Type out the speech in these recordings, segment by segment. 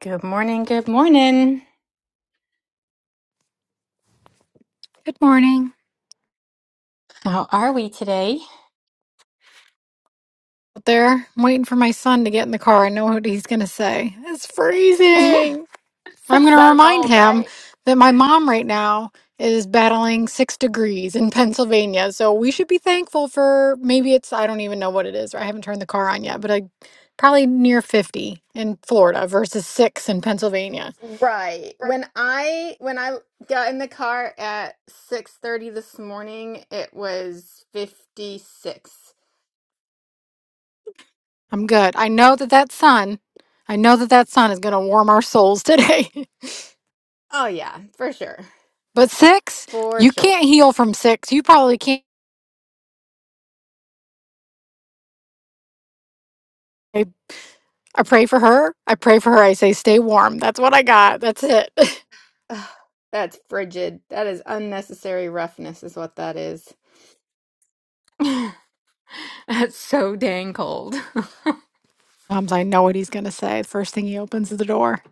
Good morning, good morning. Good morning. How are we today? Out there, I'm waiting for my son to get in the car. I know what he's going to say. It's it's freezing. I'm going to so remind cold, him right? that my mom right now is battling six degrees in Pennsylvania. So we should be thankful for maybe it's, I don't even know what it is. I haven't turned the car on yet, but I probably near 50 in Florida versus six in Pennsylvania. Right. When I when I got in the car at 6:30 this morning, it was 56. I'm good. I know that that sun, I know that that sun is going to warm our souls today. Oh yeah, for sure. but six, For you sure. can't heal from six. You probably can't. I pray for her. I pray for her. I say, stay warm. That's what I got. That's it. Ugh, that's frigid. That is unnecessary roughness is what that is. That's so dang cold. Tom's, I know what he's going to say. The first thing he opens is the door.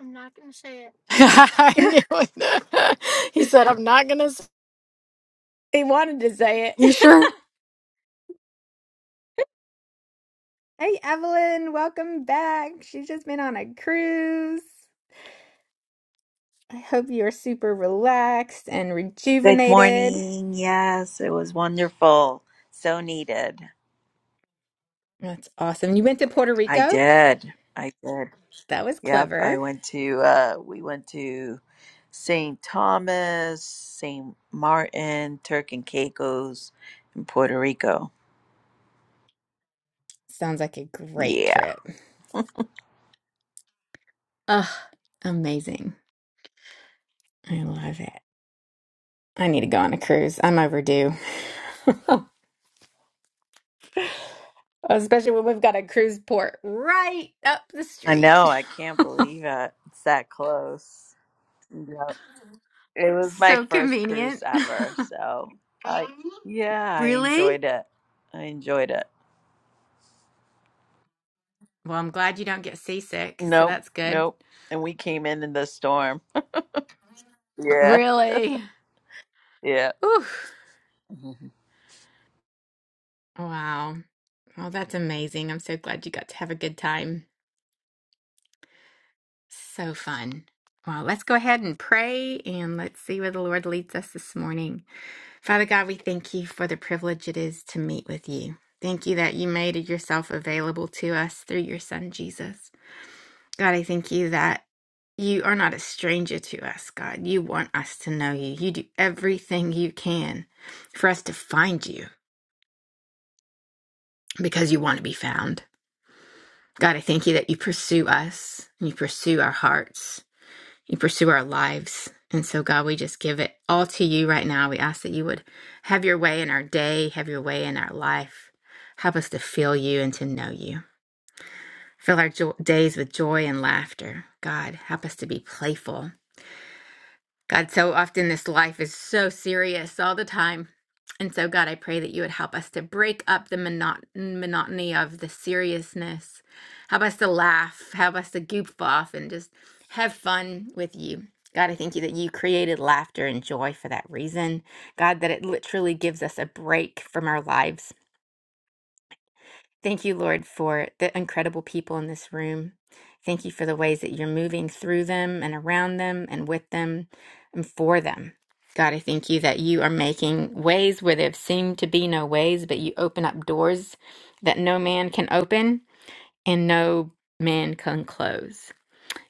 I'm not gonna say it. I knew it. he said, I'm not going to. He wanted to say He it. sure Hey, Evelyn, welcome back. She's just been on a cruise. I hope you are super relaxed and Good rejuvenated. morning. Yes, it was wonderful. So needed. That's awesome. You went to Puerto I Rico? did. I did. That was Yep. I clever. went to, uh, we went to St. Thomas, St. Martin, Turk and Caicos, and Puerto Rico. Sounds like a great Yeah. trip. Ugh, amazing. I love it. I need to go on a cruise. I'm overdue. Especially when we've got a cruise port right up the I street. know. I can't believe it. It's that close. Yep. It was my so first cruise convenient. ever. So, I, yeah, I really? enjoyed it. I enjoyed it. Well, I'm glad you don't get seasick, so Nope. that's good. Nope. And we came in in the storm. Yeah. Really? Yeah. Oof. Mhm. Wow. Well, that's amazing. I'm so glad you got to have a good time. So fun. Well, let's go ahead and pray and let's see where the Lord leads us this morning. Father God, we thank you for the privilege it is to meet with you. Thank you that you made yourself available to us through your son, Jesus. God, I thank you that you are not a stranger to us, God. You want us to know you. You do everything you can for us to find you because you want to be found. God, I thank you that you pursue us and you pursue our hearts, you pursue our lives. And so, God, we just give it all to you right now. We ask that you would have your way in our day, have your way in our life. Help us to feel you and to know you. Fill our jo- days with joy and laughter. God, help us to be playful God, so often this life is so serious all the time. And so, God, I pray that you would help us to break up the monot- monotony of the seriousness. Help us to laugh. Help us to goof off and just have fun with you. God, I thank you that you created laughter and joy for that reason. God, that it literally gives us a break from our lives Thank you, Lord, for the incredible people in this room. Thank you for the ways that you're moving through them and around them and with them and for them. God, I thank you that you are making ways where there seem to be no ways, but you open up doors that no man can open and no man can close.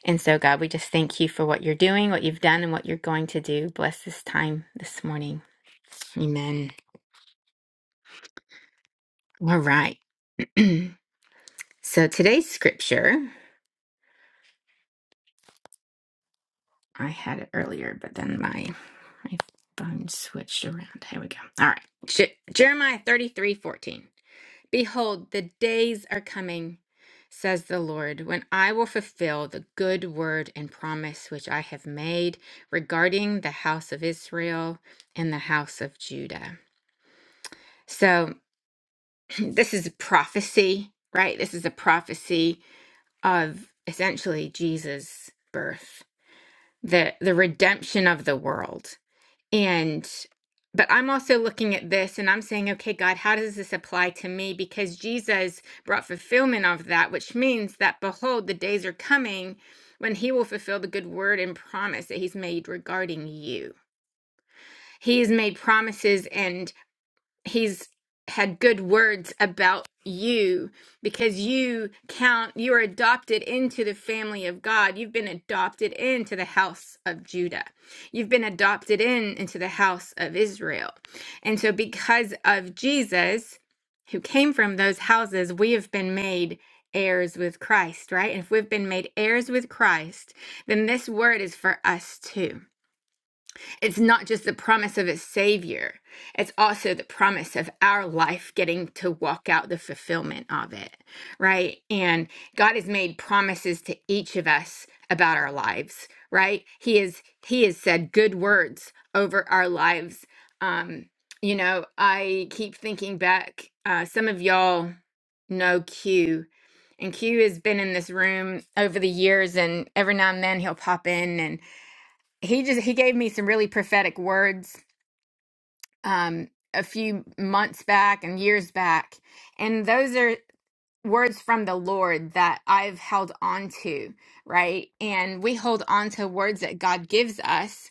And so, God, we just thank you for what you're doing, what you've done, and what you're going to do. Bless this time this morning. Amen. All right. so, today's scripture. I had it earlier, but then my my phone switched around. Here we go. All right. Je- Jeremiah thirty three fourteen. Behold, the days are coming, says the Lord, when I will fulfill the good word and promise which I have made regarding the house of Israel and the house of Judah. So, this is a prophecy, right? This is a prophecy of essentially Jesus' birth, the, the redemption of the world And, but I'm also looking at this and I'm saying, okay, God, how does this apply to me? Because Jesus brought fulfillment of that, which means that, behold, the days are coming when he will fulfill the good word and promise that he's made regarding you. He has made promises and he's had good words about you because you count you are adopted into the family of God. You've been adopted into the house of Judah. You've been adopted in into the house of Israel. And so because of Jesus who came from those houses, we have been made heirs with Christ, right? And if we've been made heirs with Christ, then this word is for us too. It's not just the promise of a savior, it's also the promise of our life getting to walk out the fulfillment of it, right? And God has made promises to each of us about our lives, right? He is he has said good words over our lives. Um, you know, I keep thinking back, uh, some of y'all know Q. And Q has been in this room over the years, and every now and then he'll pop in. and he just he gave me some really prophetic words um a few months back and years back and those are words from the lord that i've held on to right and we hold on to words that god gives us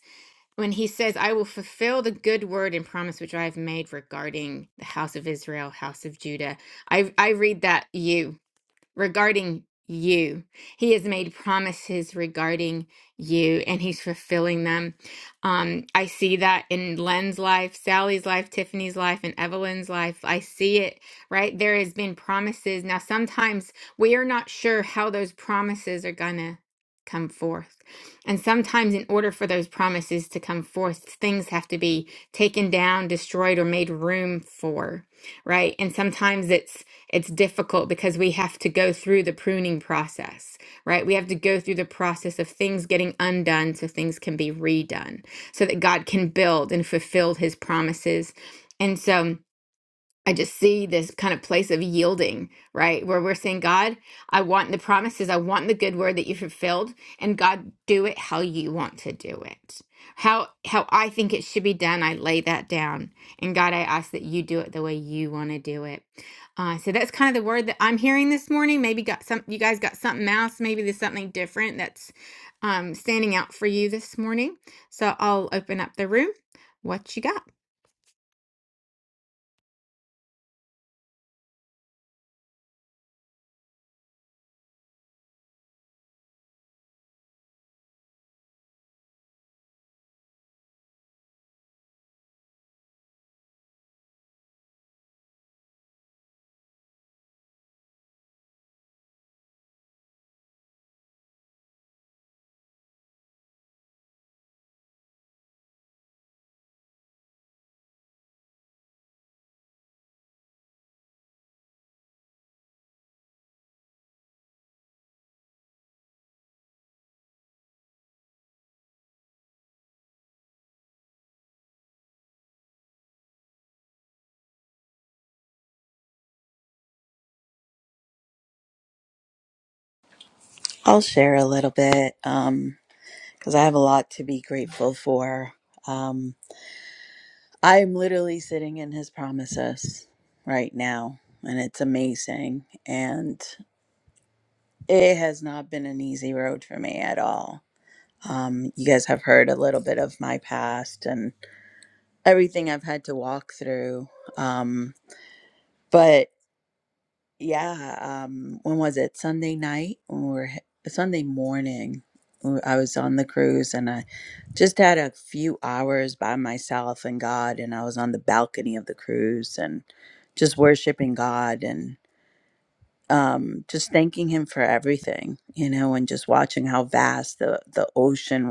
when he says i will fulfill the good word and promise which i have made regarding the house of israel house of judah i i read that you regarding you. He has made promises regarding you and he's fulfilling them. Um, I see that in Len's life, Sally's life, Tiffany's life, and Evelyn's life. I see it, right? There has been promises. Now, sometimes we are not sure how those promises are going to come forth. And sometimes in order for those promises to come forth, things have to be taken down, destroyed, or made room for, right? And sometimes it's it's difficult because we have to go through the pruning process, right? We have to go through the process of things getting undone so things can be redone, so that God can build and fulfill his promises. And so, I just see this kind of place of yielding, right? Where we're saying, God, I want the promises, I want the good word that you fulfilled, and God, do it how you want to do it. How how I think it should be done, I lay that down. And God, I ask that you do it the way you want to do it. Uh, so that's kind of the word that I'm hearing this morning. Maybe got some you guys got something else, maybe there's something different that's um, standing out for you this morning. So I'll open up the room. What you got? I'll share a little bit um, because I have a lot to be grateful for. Um, I'm literally sitting in his promises right now, and it's amazing. And it has not been an easy road for me at all. Um, you guys have heard a little bit of my past and everything I've had to walk through. Um, but Yeah, um, when was it? Sunday night or Sunday morning? I was on the cruise and I just had a few hours by myself and God, and I was on the balcony of the cruise and just worshiping God and um, just thanking Him for everything, you know, and just watching how vast the the ocean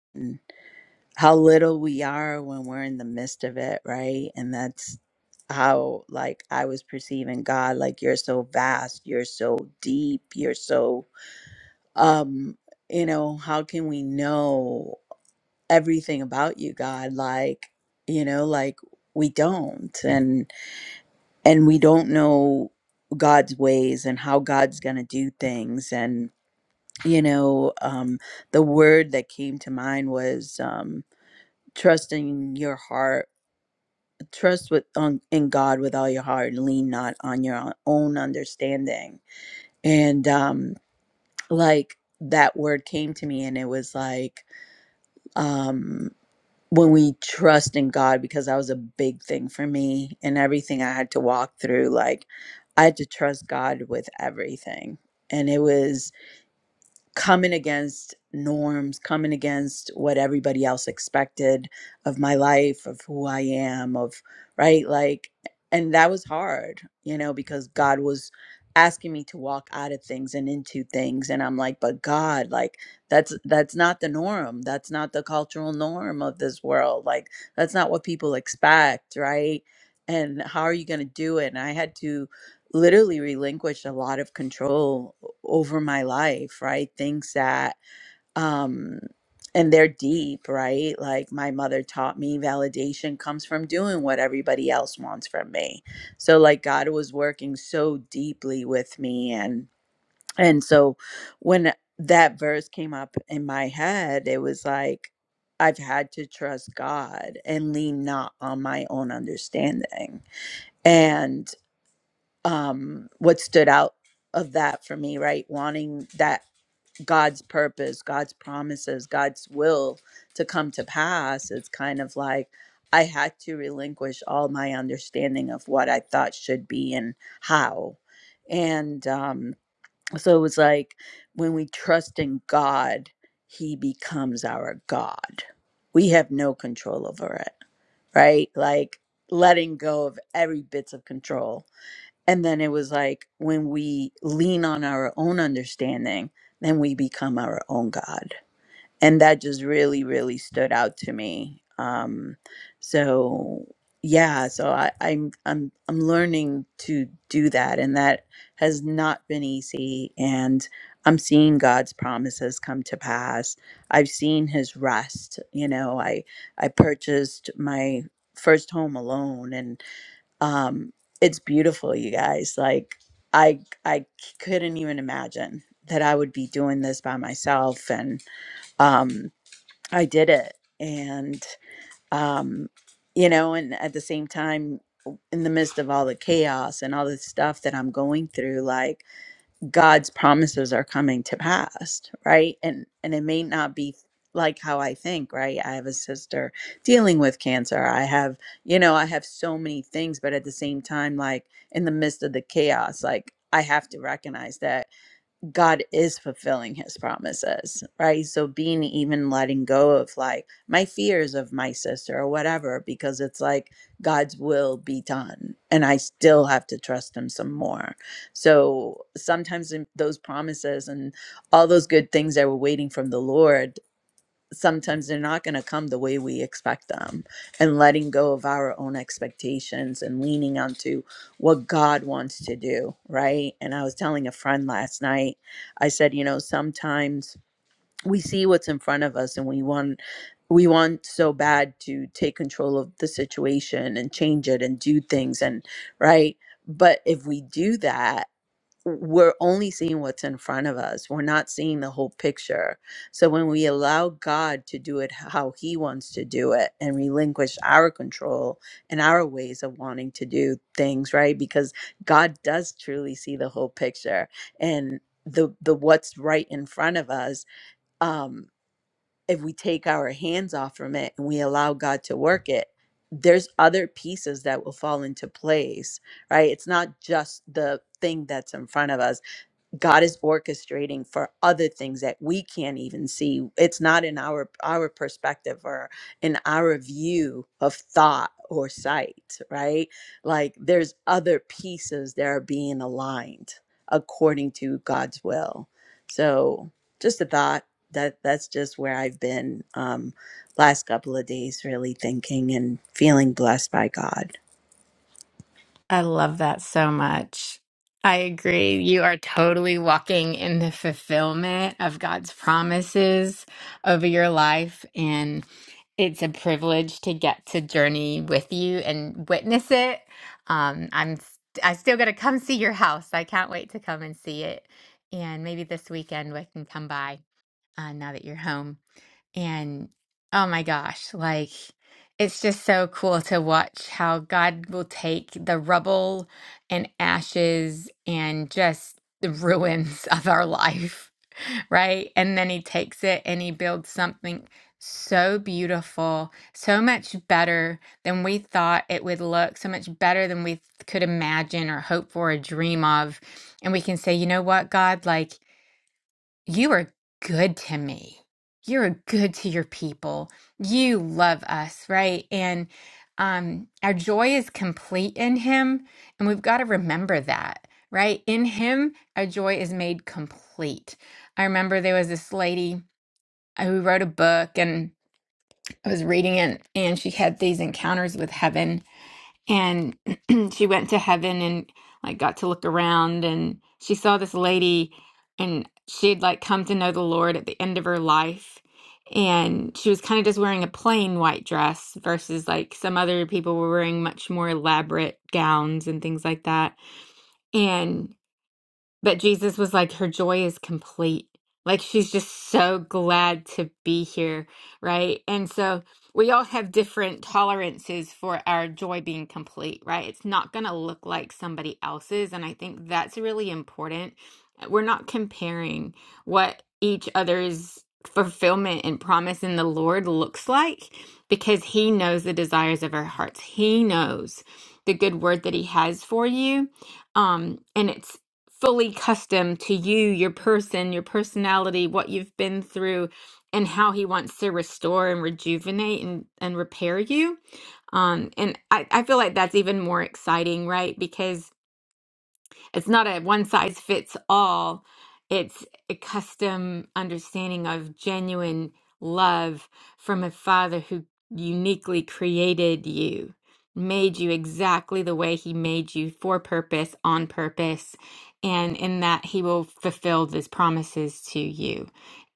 was. how little we are when we're in the midst of it, right? And that's how like I was perceiving God like you're so vast, you're so deep, you're so um, you know, how can we know everything about you, God? Like, you know, like we don't and and we don't know God's ways and how God's going to do things and you know, um the word that came to mind was um trusting your heart trust with on, in God with all your heart lean not on your own understanding. And um like that word came to me and it was like um when we trust in God because that was a big thing for me and everything I had to walk through like I had to trust God with everything. And it was coming against norms, coming against what everybody else expected of my life, of who I am, of right, like, and that was hard, you know, because God was asking me to walk out of things and into things and I'm like but God like that's that's not the norm that's not the cultural norm of this world like that's not what people expect right and how are you going to do it and I had to literally relinquished a lot of control o- over my life, right? Things that, um, and they're deep, right? Like my mother taught me validation comes from doing what everybody else wants from me. So, like, God was working so deeply with me. And, and so when that verse came up in my head, it was like, I've had to trust God and lean not on my own understanding. and um, what stood out of that for me, right? Wanting that God's purpose, God's promises, God's will to come to pass. It's kind of like I had to relinquish all my understanding of what I thought should be and how. And um, so it was like when we trust in God, He becomes our God. We have no control over it, right? Like letting go of every bits of control and then it was like when we lean on our own understanding, then we become our own God. And that just really, really stood out to me. Um, so yeah, so I, I'm I'm I'm learning to do that, and that has not been easy. And I'm seeing God's promises come to pass. I've seen His rest. You know, I I purchased my first home alone, um it's beautiful you guys like I I i c- couldn't even imagine that i would be doing this by myself and um i did it and um you know and at the same time in the midst of all the chaos and all the stuff that i'm going through like God's promises are coming to pass, right? And and it may not be like how I think, right? I have a sister dealing with cancer. I have, you know, I have so many things, but at the same time like in the midst of the chaos, like I have to recognize that God is fulfilling his promises, right? So being even letting go of like my fears of my sister or whatever, because it's like God's will be done. And I still have to trust him some more. So sometimes in those promises and all those good things that we're waiting from the Lord, sometimes they're not going to come the way we expect them and letting go of our own expectations and leaning onto what God wants to do, right? And I was telling a friend last night, I said, you know, sometimes we see what's in front of us and we want we want so bad to take control of the situation and change it and do things and right? But if we do that we're only seeing what's in front of us. We're not seeing the whole picture. So when we allow God to do it how he wants to do it and relinquish our control and our ways of wanting to do things, right? Because God does truly see the whole picture and the the what's right in front of us um if we take our hands off from it and we allow God to work it, there's other pieces that will fall into place, right? It's not just the thing that's in front of us God is orchestrating for other things that we can't even see. It's not in our our perspective or in our view of thought or sight, right? Like there's other pieces that are being aligned according to God's will. So just a thought that that's just where I've been um last couple of days really thinking and feeling blessed by God. I love that so much. I agree. You are totally walking in the fulfillment of God's promises over your life. And it's a privilege to get to journey with you and witness it. Um, I'm s- I still got to come see your house. I can't wait to come and see it. And maybe this weekend we can come by uh, now that you're home. And oh my gosh, like it's just so cool to watch how God will take the rubble and ashes and just the ruins of our life, right? And then He takes it and He builds something so beautiful, so much better than we thought it would look, so much better than we could imagine or hope for or dream of. And we can say, you know what, God, like. You are good to me. You're good to your people. You love us, right? And um, our joy is complete in Him. And we've got to remember that, right? In Him, our joy is made complete. I remember there was this lady uh, who wrote a book, and I was reading it, and she had these encounters with heaven and she went to heaven and like got to look around and she saw this lady and she'd like come to know the Lord at the end of her life and she was kind of just wearing a plain white dress versus like some other people were wearing much more elaborate gowns and things like that and. But Jesus was like, her joy is complete. Like she's just so glad to be here, right? And so we all have different tolerances for our joy being complete, right? It's not going to look like somebody else's. And I think that's really important. We're not comparing what each other's fulfillment and promise in the Lord looks like because He knows the desires of our hearts. He knows the good word that He has for you um and it's fully custom to you, your person, your personality, what you've been through, and how he wants to restore and rejuvenate and, and repair you. Um, and I, I feel like that's even more exciting, right? Because it's not a one size fits all. It's a custom understanding of genuine love from a father who uniquely created you, made you exactly the way he made you for purpose, on purpose, and in that he will fulfill his promises to you.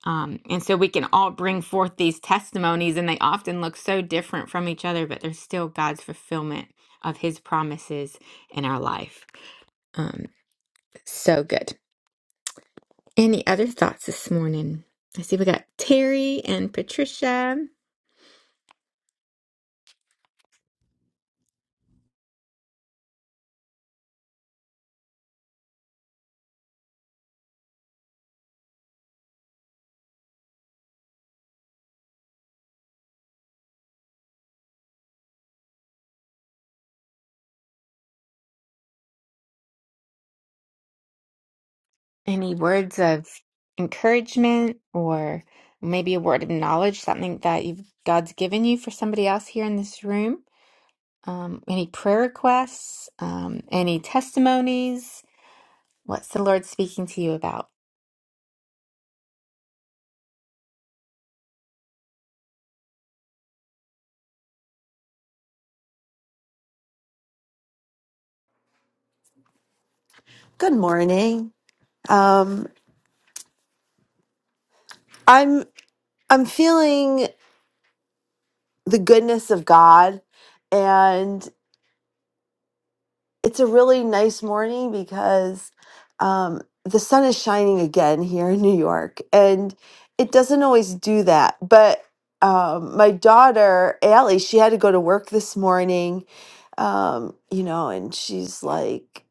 Um, and so we can all bring forth these testimonies, and they often look so different from each other, but they're still God's fulfillment of his promises in our life. Um, so good. Any other thoughts this morning? I see we got Terry and Patricia. Any words of encouragement or maybe a word of knowledge, something that you've, God's given you for somebody else here in this room? Um, any prayer requests? Um, any testimonies? What's the Lord speaking to you about? Good morning. Um, I'm I'm feeling the goodness of God, and it's a really nice morning because um, the sun is shining again here in New York, and it doesn't always do that. But um, my daughter Allie, she had to go to work this morning, um, you know, and she's like.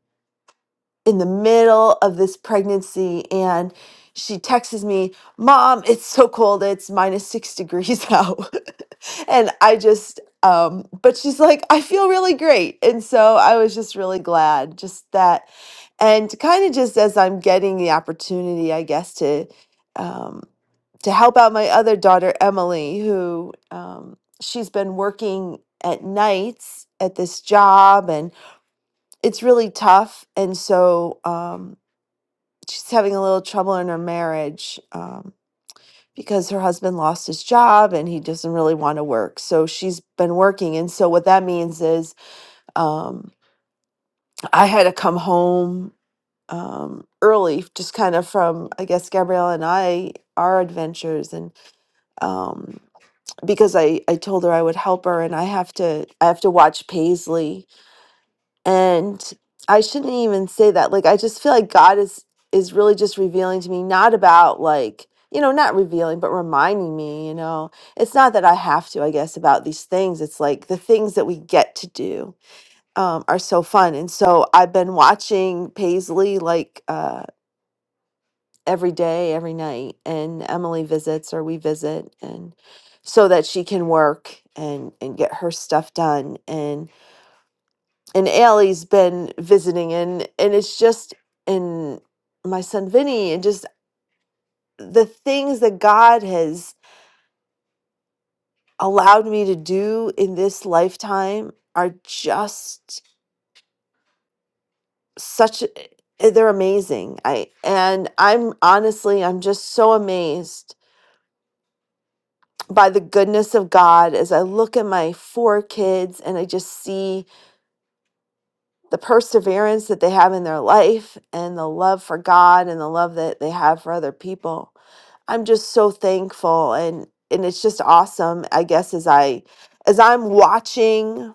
in the middle of this pregnancy and she texts me, Mom, it's so cold. It's minus six degrees out. and I just, um, but she's like, I feel really great. And so I was just really glad, just that. And kind of just as I'm getting the opportunity, I guess, to, um, to help out my other daughter, Emily, who um, she's been working at nights at this job and it's really tough and so um she's having a little trouble in her marriage um because her husband lost his job and he doesn't really want to work so she's been working and so what that means is um i had to come home um early just kind of from i guess gabrielle and i our adventures and um because i i told her i would help her and i have to i have to watch paisley and i shouldn't even say that like i just feel like god is is really just revealing to me not about like you know not revealing but reminding me you know it's not that i have to i guess about these things it's like the things that we get to do um, are so fun and so i've been watching paisley like uh, every day every night and emily visits or we visit and so that she can work and and get her stuff done And and Allie's been visiting and and it's just and my son Vinny and just the things that God has allowed me to do in this lifetime are just such they're amazing. I and I'm honestly I'm just so amazed by the goodness of God as I look at my four kids and I just see the perseverance that they have in their life and the love for God and the love that they have for other people I'm just so thankful and and it's just awesome I guess as I as I'm watching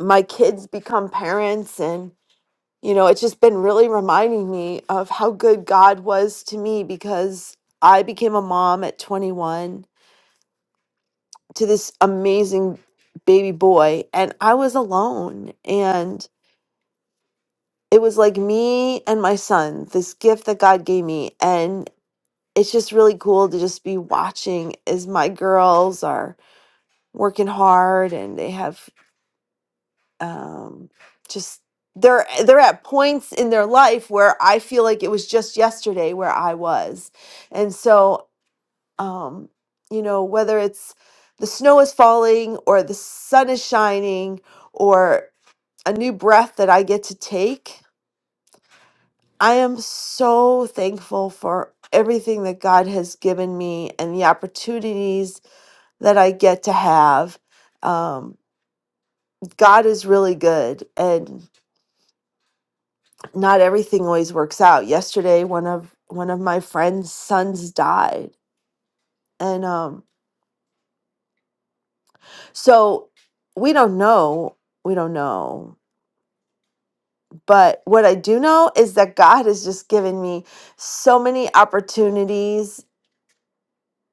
my kids become parents and you know it's just been really reminding me of how good God was to me because I became a mom at 21 to this amazing baby boy and I was alone and it was like me and my son this gift that God gave me and it's just really cool to just be watching as my girls are working hard and they have um, just they're they're at points in their life where I feel like it was just yesterday where I was, and so um, you know whether it's the snow is falling or the sun is shining or a new breath that I get to take. I am so thankful for everything that God has given me and the opportunities that I get to have. Um, God is really good and not everything always works out. Yesterday one of one of my friend's sons died. And um so we don't know, we don't know. But what I do know is that God has just given me so many opportunities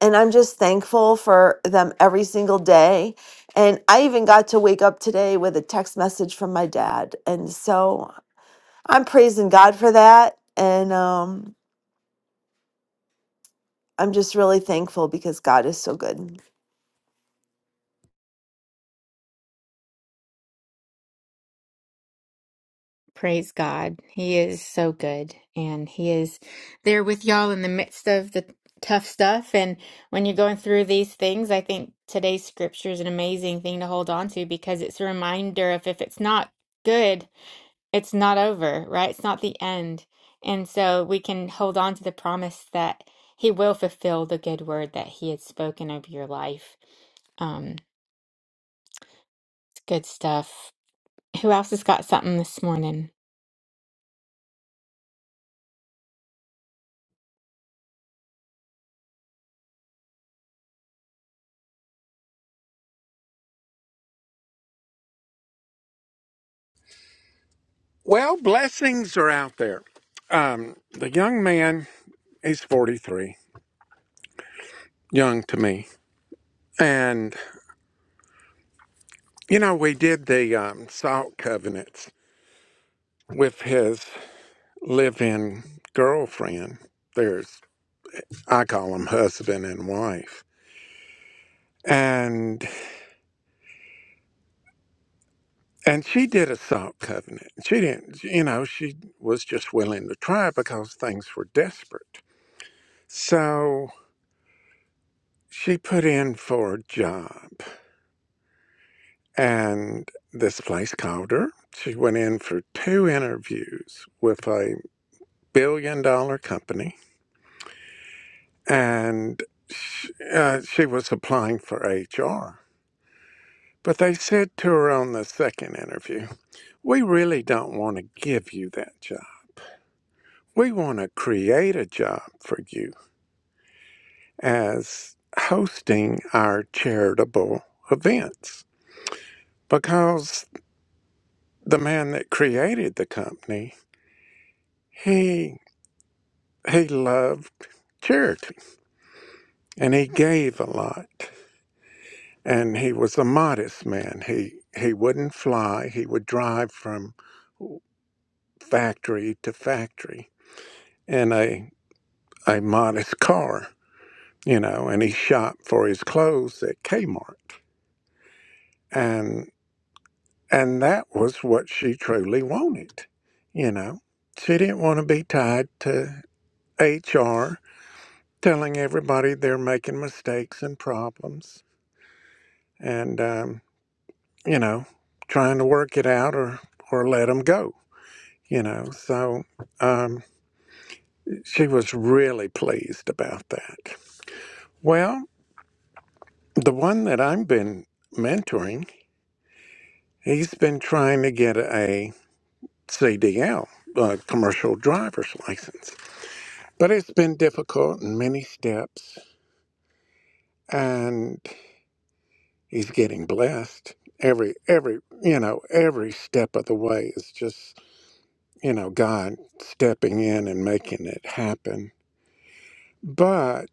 and I'm just thankful for them every single day. And I even got to wake up today with a text message from my dad. And so I'm praising God for that. And um I'm just really thankful because God is so good. Praise God. He is so good and he is there with y'all in the midst of the tough stuff. And when you're going through these things, I think today's scripture is an amazing thing to hold on to because it's a reminder of if it's not good, it's not over, right? It's not the end. And so we can hold on to the promise that he will fulfill the good word that he had spoken over your life. Um, it's good stuff. Who else has got something this morning? Well, blessings are out there. Um, the young man is 43, young to me. And, you know, we did the um, salt covenants with his live in girlfriend. There's, I call them husband and wife. And and she did a salt covenant. She didn't, you know, she was just willing to try because things were desperate. So she put in for a job and this place called her. She went in for two interviews with a billion dollar company, and she, uh, she was applying for HR. But they said to her on the second interview, We really don't want to give you that job. We want to create a job for you as hosting our charitable events because the man that created the company, he he loved charity and he gave a lot and he was a modest man he he wouldn't fly he would drive from factory to factory in a a modest car you know and he shopped for his clothes at Kmart and and that was what she truly wanted you know she didn't want to be tied to HR telling everybody they're making mistakes and problems and um you know, trying to work it out or or let him go. You know, so um, she was really pleased about that. Well, the one that I've been mentoring, he's been trying to get a CDL, a commercial driver's license, but it's been difficult and many steps, and he's getting blessed every every you know every step of the way is just you know God stepping in and making it happen But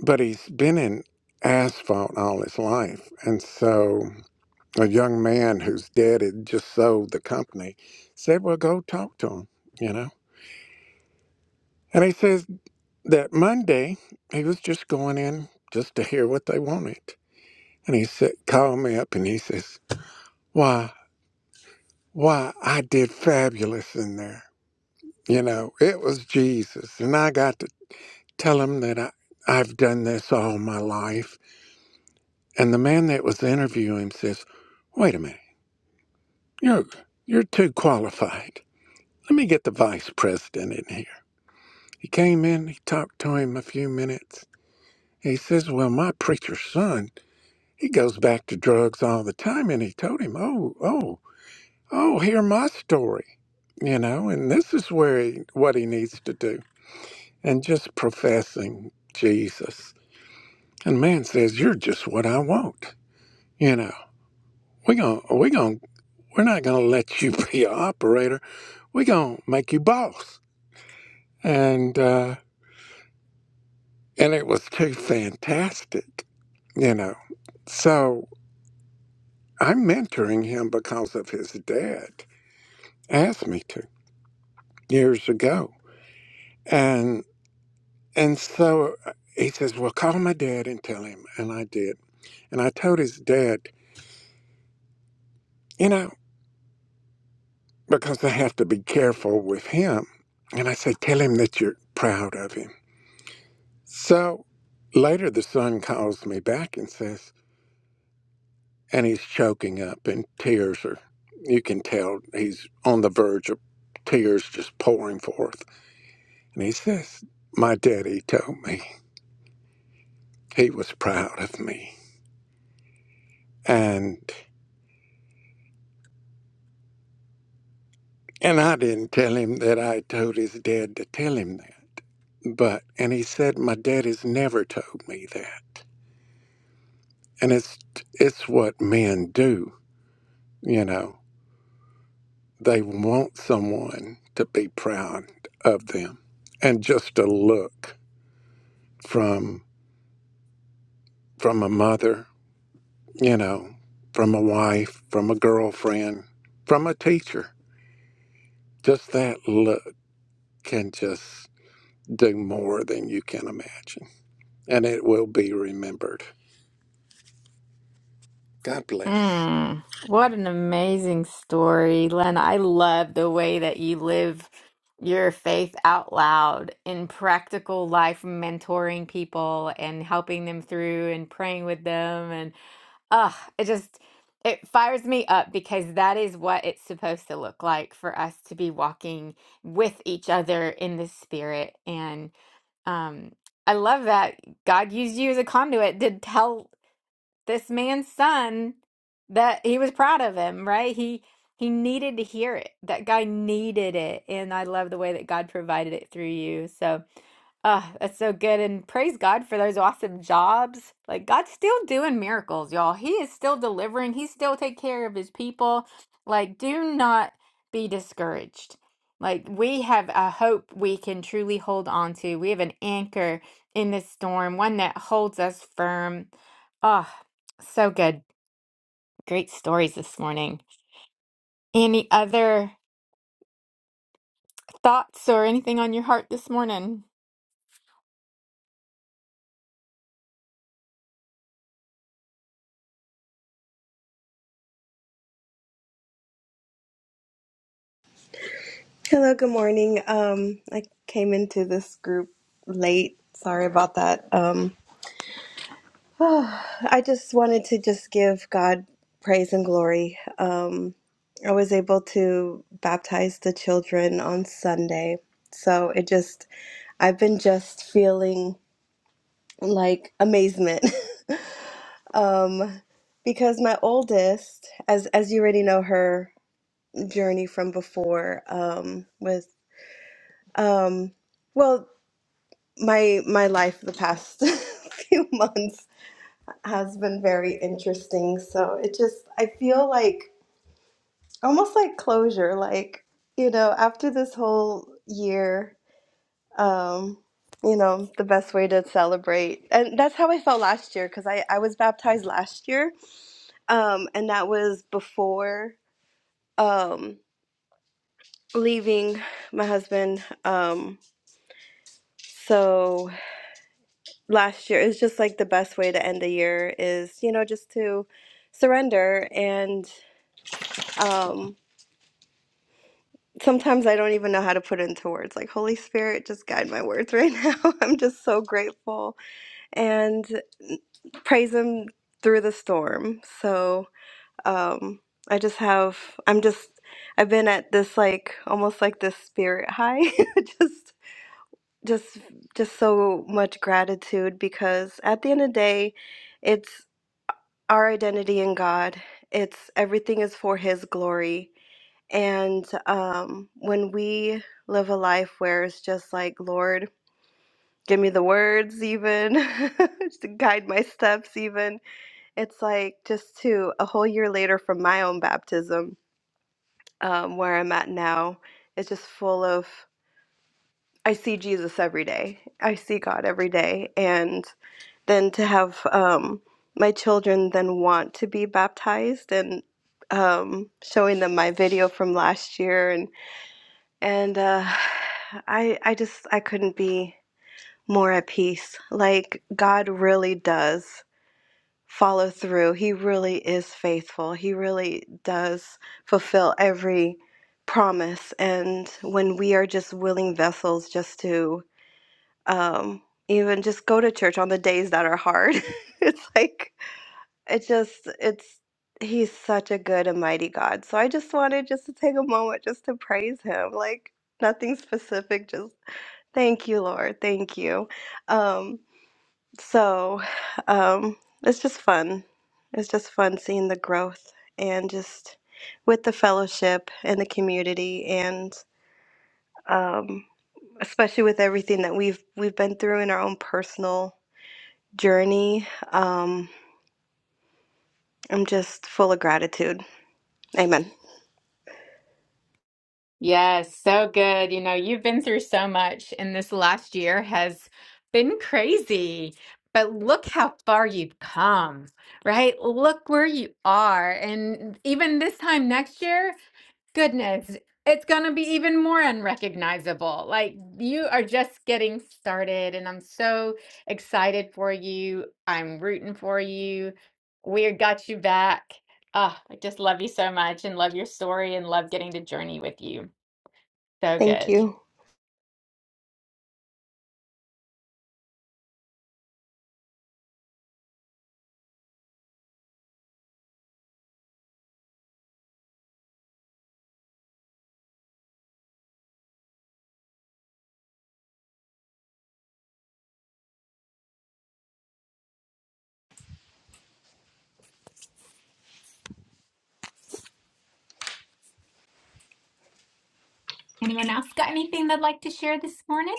but he's been in asphalt all his life. And so a young man whose dad had just sold the company said, Well, go talk to him, you know? And he says that Monday he was just going in just to hear what they wanted. And he said, called me up and he says, Why, why, I did fabulous in there. You know, it was Jesus. And I got to tell him that I, I've done this all my life And the man that was interviewing him says, Wait a minute, you're, you're too qualified. Let me get the vice president in here. He came in, he talked to him a few minutes. He says, Well, my preacher's son, he goes back to drugs all the time. And he told him, Oh, oh, oh, hear my story, you know, and this is where he, what he needs to do. And just professing Jesus. And man says, You're just what I want, you know. We're going we gon' We're not going to let you be an operator. We're going to make you boss. And, uh, and it was too fantastic, you know. So I'm mentoring him because of his dad asked me to years ago. And, and so uh, he says, well, call my dad and tell him. And I did. And I told his dad, you know, because I have to be careful with him. And I said, tell him that you're proud of him So later, the son calls me back and says, and he's choking up, and tears are, you can tell he's on the verge of tears just pouring forth. And he says, My daddy told me he was proud of me. And and I didn't tell him that I told his dad to tell him that. But and he said my daddy's never told me that. And it's it's what men do, you know. They want someone to be proud of them. And just a look from from a mother, you know, from a wife, from a girlfriend, from a teacher. Just that look can just do more than you can imagine. And it will be remembered. God bless. Mm, what an amazing story, Len. I love the way that you live your faith out loud in practical life, mentoring people and helping them through and praying with them. Ugh, it just it fires me up because that is what it's supposed to look like for us to be walking with each other in the spirit and um I love that God used you as a conduit to tell this man's son that he was proud of him, right? He he needed to hear it. That guy needed it. And I love the way that God provided it through you. So ah, that's so good. And praise God for those awesome jobs. Like God's still doing miracles, y'all. He is still delivering. He still take care of his people. Like, do not be discouraged. Like we have a hope we can truly hold on to. We have an anchor in this storm, one that holds us firm. Ah, so good. Great stories this morning. Any other thoughts or anything on your heart this morning? Hello, good morning. Um, I came into this group late. Sorry about that. Um, I just wanted to just give God praise and glory. Um, I was able to baptize the children on Sunday. So it just, I've been just feeling like amazement. um, because my oldest, as, as you already know, her journey from before um, with um, well, my my life the past few months has been very interesting so it just i feel like almost like closure like you know after this whole year um you know the best way to celebrate and that's how i felt last year because i i was baptized last year um and that was before um leaving my husband um so last year it's just like the best way to end the year is you know just to surrender and um sometimes i don't even know how to put it into words like holy spirit just guide my words right now i'm just so grateful and praise him through the storm so um i just have i'm just i've been at this like almost like this spirit high just just just so much gratitude because at the end of the day it's. our identity in God. It's everything is for His glory. And um, when we live a life where it's just like, Lord, give me the words, even just to guide my steps, even it's like just to a whole year later from my own baptism, um, where I'm at now, it's just full of. I see Jesus every day. I see God every day, and. than to have um, my children then want to be baptized and um, showing them my video from last year and and uh, I I just I couldn't be more at peace. Like God really does follow through. He really is faithful. He really does fulfill every promise. And when we are just willing vessels, just to um, even just go to church on the days that are hard, it's like it just it's he's such a good and mighty God. So I just wanted just to take a moment just to praise him. Like nothing specific, just thank you, Lord. Thank you. Um so um it's just fun. It's just fun seeing the growth and just with the fellowship and the community and um especially with everything that we've we've been through in our own personal journey. Um I'm just full of gratitude. Amen. Yes, so good. You know, you've been through so much, and this last year has been crazy. But look how far you've come, right? Look where you are. And even this time next year, goodness, it's going to be even more unrecognizable. Like you are just getting started, and I'm so excited for you. I'm rooting for you. We got you back. Oh, I just love you so much and love your story and love getting to journey with you. So Thank good. you. Anyone else got anything they'd like to share this morning?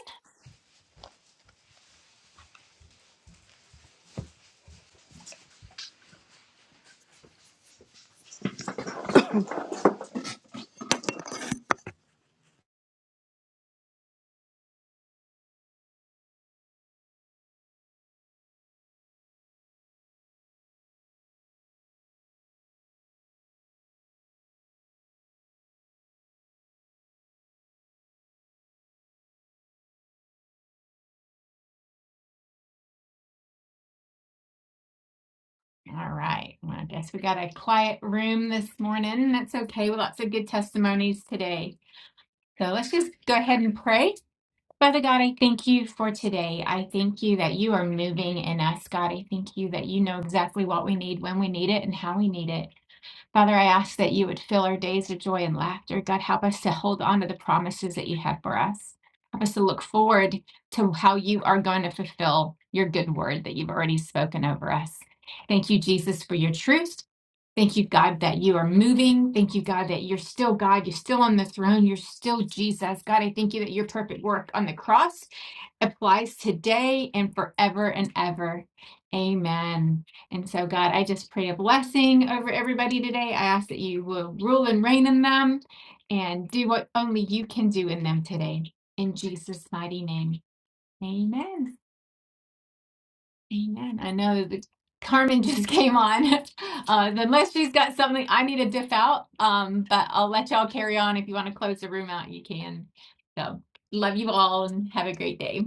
All right. Well, I guess we got a quiet room this morning. That's okay. Well, lots of good testimonies today. So let's just go ahead and pray. Father God, I thank you for today. I thank you that you are moving in us, God. I thank you that you know exactly what we need, when we need it, and how we need it. Father, I ask that you would fill our days with joy and laughter. God, help us to hold on to the promises that you have for us. Help us to look forward to how you are going to fulfill your good word that you've already spoken over us. Thank you, Jesus, for your truth. Thank you, God, that you are moving. Thank you, God, that you're still God. You're still on the throne. You're still Jesus. God, I thank you that your perfect work on the cross applies today and forever and ever. Amen. And so, God, I just pray a blessing over everybody today. I ask that you will rule and reign in them and do what only you can do in them today. In Jesus' mighty name. Amen. Amen. I know that Carmen just came on. Uh, unless she's got something I need to diff out. Um, but I'll let y'all carry on. If you want to close the room out, you can. So love you all and have a great day.